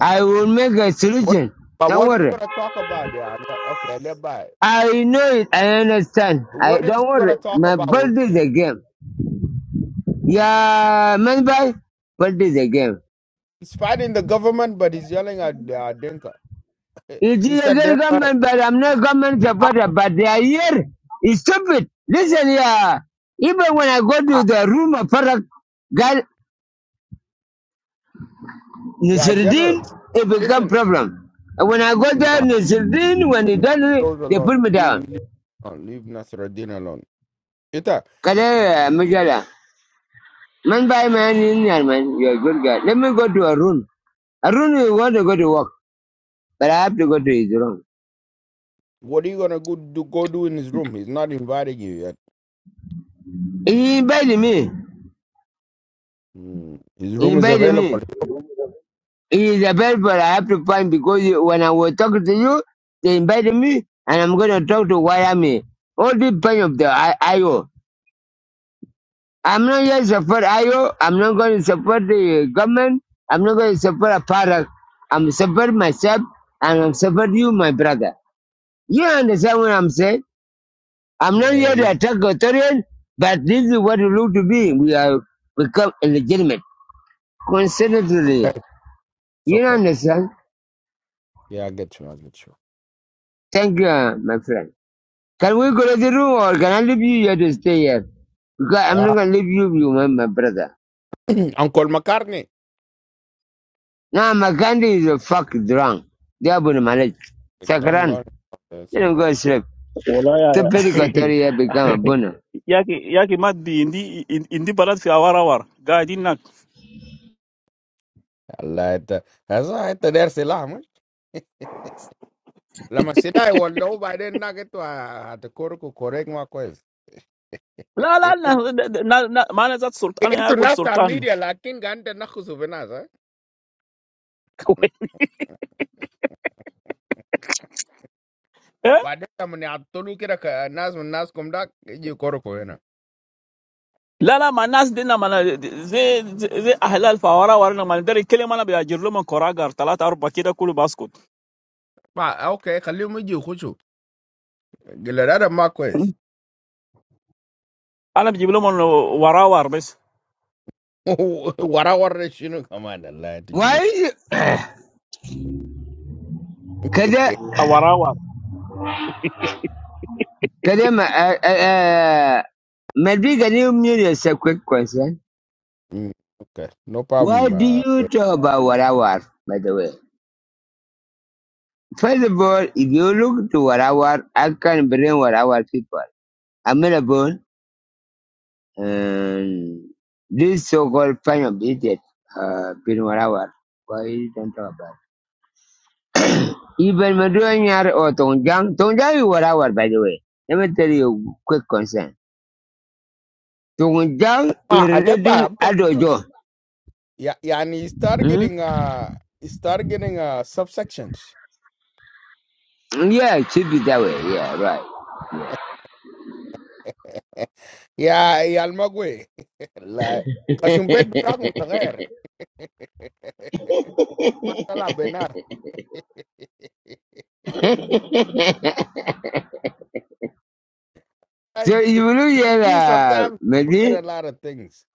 I will make a What solution. but Don't what are we worry. gonna talk about? Yeah, le- okay, let by. I know it. I understand. I What is he don't worry. gonna talk My about with birthday is me? a game. Yeah, man, bye. Birthday is a game. He's fighting the government, but he's yelling at uh, Dinka. It He is a said they're good uh, government, but I'm not government ah, supporter. But they are here. It's stupid. Listen, yeah. Even when I go to ah, the room of product, God, yeah, Nasruddin, generals. it become Listen, problem. And when I go no, there, Nasruddin, when he you done leave it, those they alone. put me You down. you leave alone. Leave Nasruddin alone. Ita, Kada Majala. Man by man in here, man, you're a good guy. Let me go to Arun. Arun will want to go to work, but I have to go to his room. what are you gonna go do, go do in his room? He's not inviting you yet. He invited me. Mm, His He room is invited available. me. He is available. I have to find because you, when I was talking to you, they invited me, and I'm going to talk to Wyoming. All the pain of the I- IO. I'm not going to support IO. I'm not going to support the government. I'm not going to support a product. I'm support myself and I'm support you, my brother. You understand what I'm saying? I'm not Yeah, yeah, here you to attack authoritarian, but this is what it look to be. We have become illegitimate. Considerably. okay. It's You okay. understand? Yeah, I get you. I get you. Thank you, uh, my friend. Can we go to the room or can I leave you here to stay here? Because I'm Yeah, not going to leave you, you my, my brother. Uncle McCartney. Now McCandy is a fuck drunk. They are Diabuna manage. Don't Sakran, don't don't you say don't go that. to sleep. wala ya Tupidi Kotoria become a buna. yaki yaki mat bi indi indi balat fi awara war gaadin nak Allah, ita, hasa ita der silah mush. Lama silah walau by then na gitu ah, at the correct ma kwez. la la na na, na mana zat sultan ya It's gut not sultan familiar, but I'm not too surprised. Why? Because I'm not talking about the most common ones. Lala manas dinama na z zahelal farawar wari na mani derry kilemana biya jirlo monkoraga tartalatau pakida kulu basco. Okay, clearly I'm just confused. What are we talking about? Anam jirlo mono farawar besh? We're talking about the Why light. is it? Kada, A farawar. kada, ma- uh, uh, uh, maybe can you mute us a quick question? Okay, no Why do problem. you talk about Warawar, by the way? First of all, if you look to Warawar, I can bring Warawar people. Amelabon, and this so-called fan of idiot, uh, been Warawar. Why you don't talk about it? Even Maduanyar or Tongjang, Tongjang is what I want, by the way. Let me tell you a quick concern. Tongjang is relating I'm confused. Adojo. Yeah, yeah, he's start Hmm? getting, he's start getting subsections. Yeah, it should be that way. Yeah, right. Yeah, he's going to be like, "Hey, I'm not going to get a job in the air." So if you look You here, see, uh, sometimes forget maybe, a lot of things.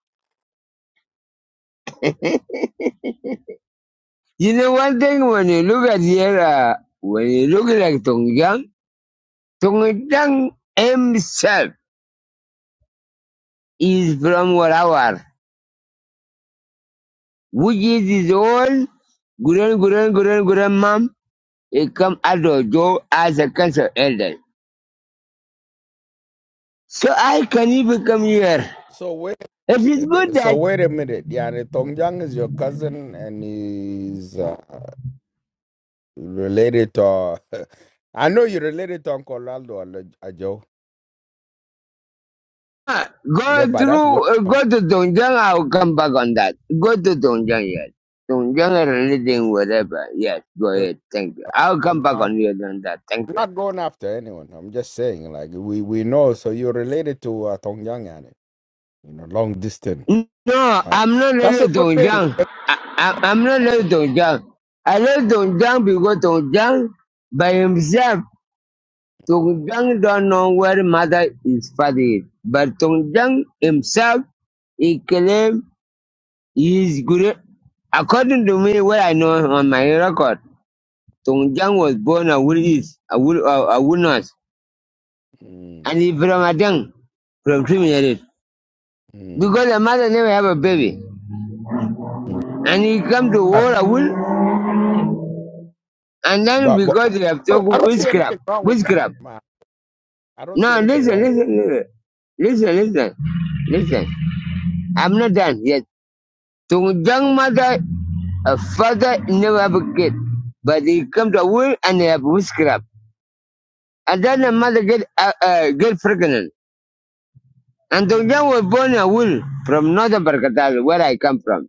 you know one thing when you look at here, uh, when you look at like Tongjang, Tongjang himself is from Warawar, which is his own grand, grand, grand, grandmom. He come Adojo as a council elder. So I can even come here. So wait, If it's good so that wait a minute. Yeah, the Tongjang is your cousin, and he's uh, related to. I know you're related to Uncle Aldo Ale- Ajo, uh, Yeah, go but that's through, what uh, go to Dongjang, I'll come back on that. Go to Dongjang, yes. Dongjang or anything, whatever. Yes, go I'm ahead. Thank you. I'll come back not. on you on that. Thank I'm not going after anyone. I'm just saying, like we we know. So you're related to uh, Tongjang, and you know, long distance. you. No, Right? I'm not That's really a good thing. Dongjang. I, I, I'm not That's a, really Dongjang. I love Dongjang because Dongjang by himself, Dongjang don't know where mother is father is. But Dongjang himself, he claimed He is good, According to me, what I know on my record, Tung was born a wood east, a wood, a, a wood north, mm, and he from Adang, from Trinidad. mm, Because the mother never have a baby, mm. and he come to Uh, war a wood, and then But, but because they have well, talked I don't see witchcraft, anything wrong with witchcraft. that. I don't see No, anything listen, wrong. listen, listen, listen, listen, listen. I'm not done yet. Tung Okay. mother, a father never have a kid, but he come to a wood and they have witchcraft. And then the Mm, mother get uh, uh, get pregnant. And the young mm, was born a will from northern Barkatal, where I come from.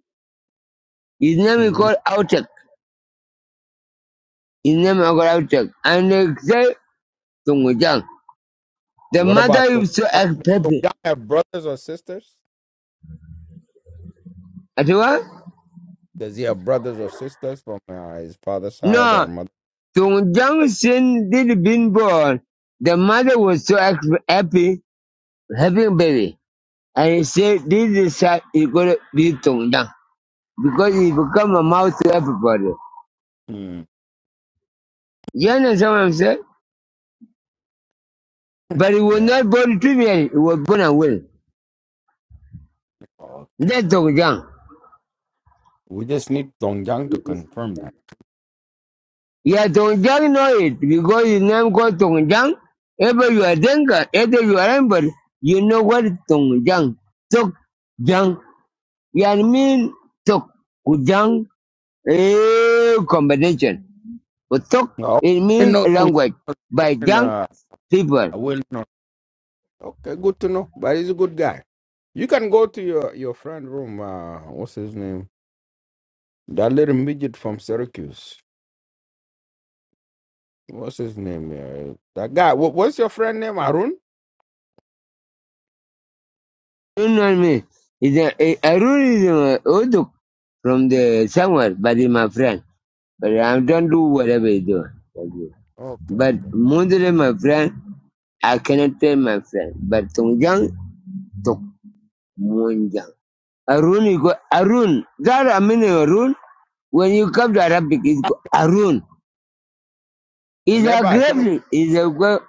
His name is mm, called Autek. His mm. name is called Autek. And they say Tungujiang. The What about mother Tom? used to Tom act happy. Yah have brothers or sisters? At what? Does he have brothers or sisters from uh, his father's side or No, mother? Tungujiang sin did been born. The mother was so act happy, having baby. And he said, this is how is going to be Tungujiang. Because he become a mouth to everybody. Mm, You understand what I'm saying? But he was Yeah. not born trivial, he was born and will. Okay. That's Tongjang. We just need Dong Yang to confirm that. Yeah, Tongjang know it because his name called Tongjang. Ever you are Denka, either you are Ember, you know what Tongjang. Tok Jang. Yeah, I mean Tok Kujang eh combination. But Tok No, I it didn't means know Dong language. Yang was By born in Jang uh, people. a wilderness. Okay, good to know. But he's a good guy. You can go to your, your friend room. Uh, what's his name? That little midget from Syracuse. What's his name here? That guy. What, what's your friend name? Arun? You know what I mean? It's a, a, a rule is uh, Oduk from the somewhere, but it's my friend. But I Ah, don't do whatever you do. Okay, But okay. Mundere, my friend, I cannot tell my friend. But Tongjang, Tok Munjang. Arun, you go, Arun. That I mean, Arun, when you come to Arabic, it's Ah, go, Arun. It's a Leba, can you- grave. It's a go.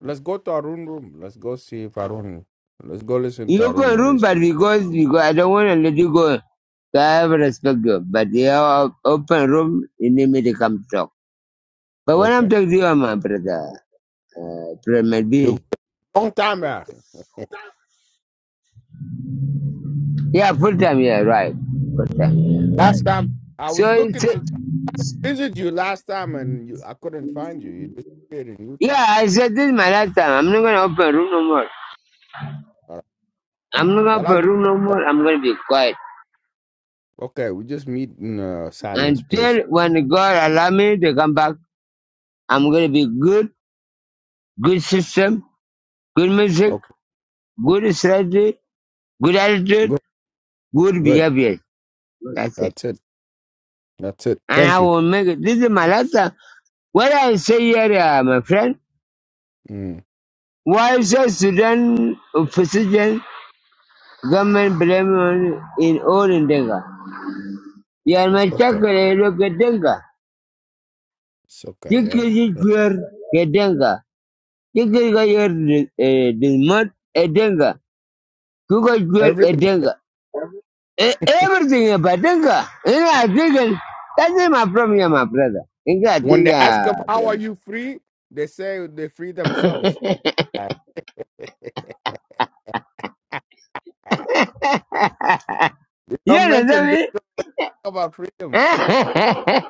let's go to Arun room. Let's go see if Arun. Let's go listen to You Arun. open What room, is but because, because I don't want to let you go. So I have respect you. But you have open room, you need me to come talk. But when I'm okay? talking to you, my brother, uh, Premier B. You long time back. Yeah, full time. Yeah, right. Full time. Yeah, right. Last time I So was it's looking to visit you last time, and you, I couldn't find you. You disappeared in Utah. yeah. I said this is my last time. I'm not gonna open room no more. All right. I'm not gonna The last- open room no more. I'm gonna be quiet okay, we just meet in a silence place. until when God allow me to come back. I'm gonna be good, good system, good music, Okay, good strategy, good attitude, good, good good. behavior. That's it. That's it. That's it. And Thank I you. will make it. This is my last time. What I say here, uh, my friend. Mm, Why is Sudan opposition Government blame on in all in Denga. Yar it's ma okay. chakre lo ke Denga. It's okay. Chikri ji chwer ke Denga. Chikri ga yer dismat e Denga. Kuka chwer Yeah. e Denga. E- Everything about Denga. Ina digan. That is my problem, yeah, my brother. Inga When they ask diga, them, how are brother. you free? They say they free themselves. You Don't understand mention this me? about freedom.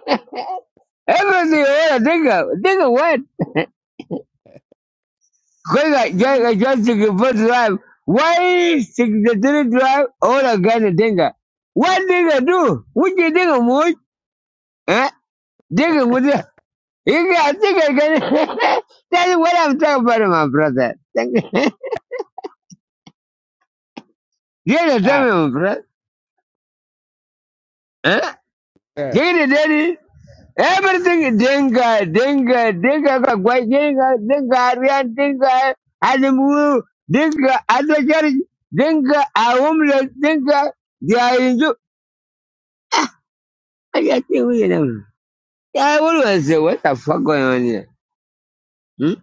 Everything, yeah, Denga. Denga what? Because Eh, I just took a first drive. Why secretary drive all a gun and dinga? What nigga do? What you nigga mood? Eh? Nigga with the you got nigga gun. That's what I'm talking about, my brother. Thank you. Yeah, tell ah, me, my brother. Eh? Yeah. Get it, daddy. Everything dinga, dinga, dinga, kagwai, dinga, dinga, arian, dinga, animu, dinga, adajari, dinga, a homeless, dinga, they are in I just think we them. I always say, what the fuck going on here? Hmm?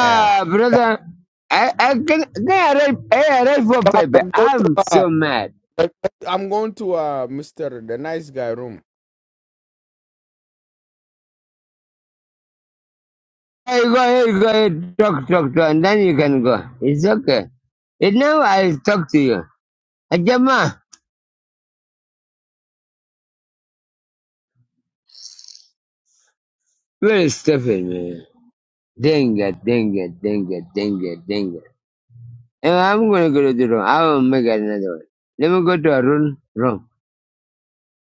yeah. brother. I, I can, can I write, I write for Come paper. on, go I'm to, uh, so mad. like, I'm going to uh, Mr. The Nice Guy room. I go ahead, go ahead, talk, talk, talk, and then you can go. It's okay. And now I'll talk to you. Ajama, very stupid, man. Dang it, dang it, dang it, dang it, dang it. And I'm gonna go to the room. I will make another one. Let me go to a room. Room.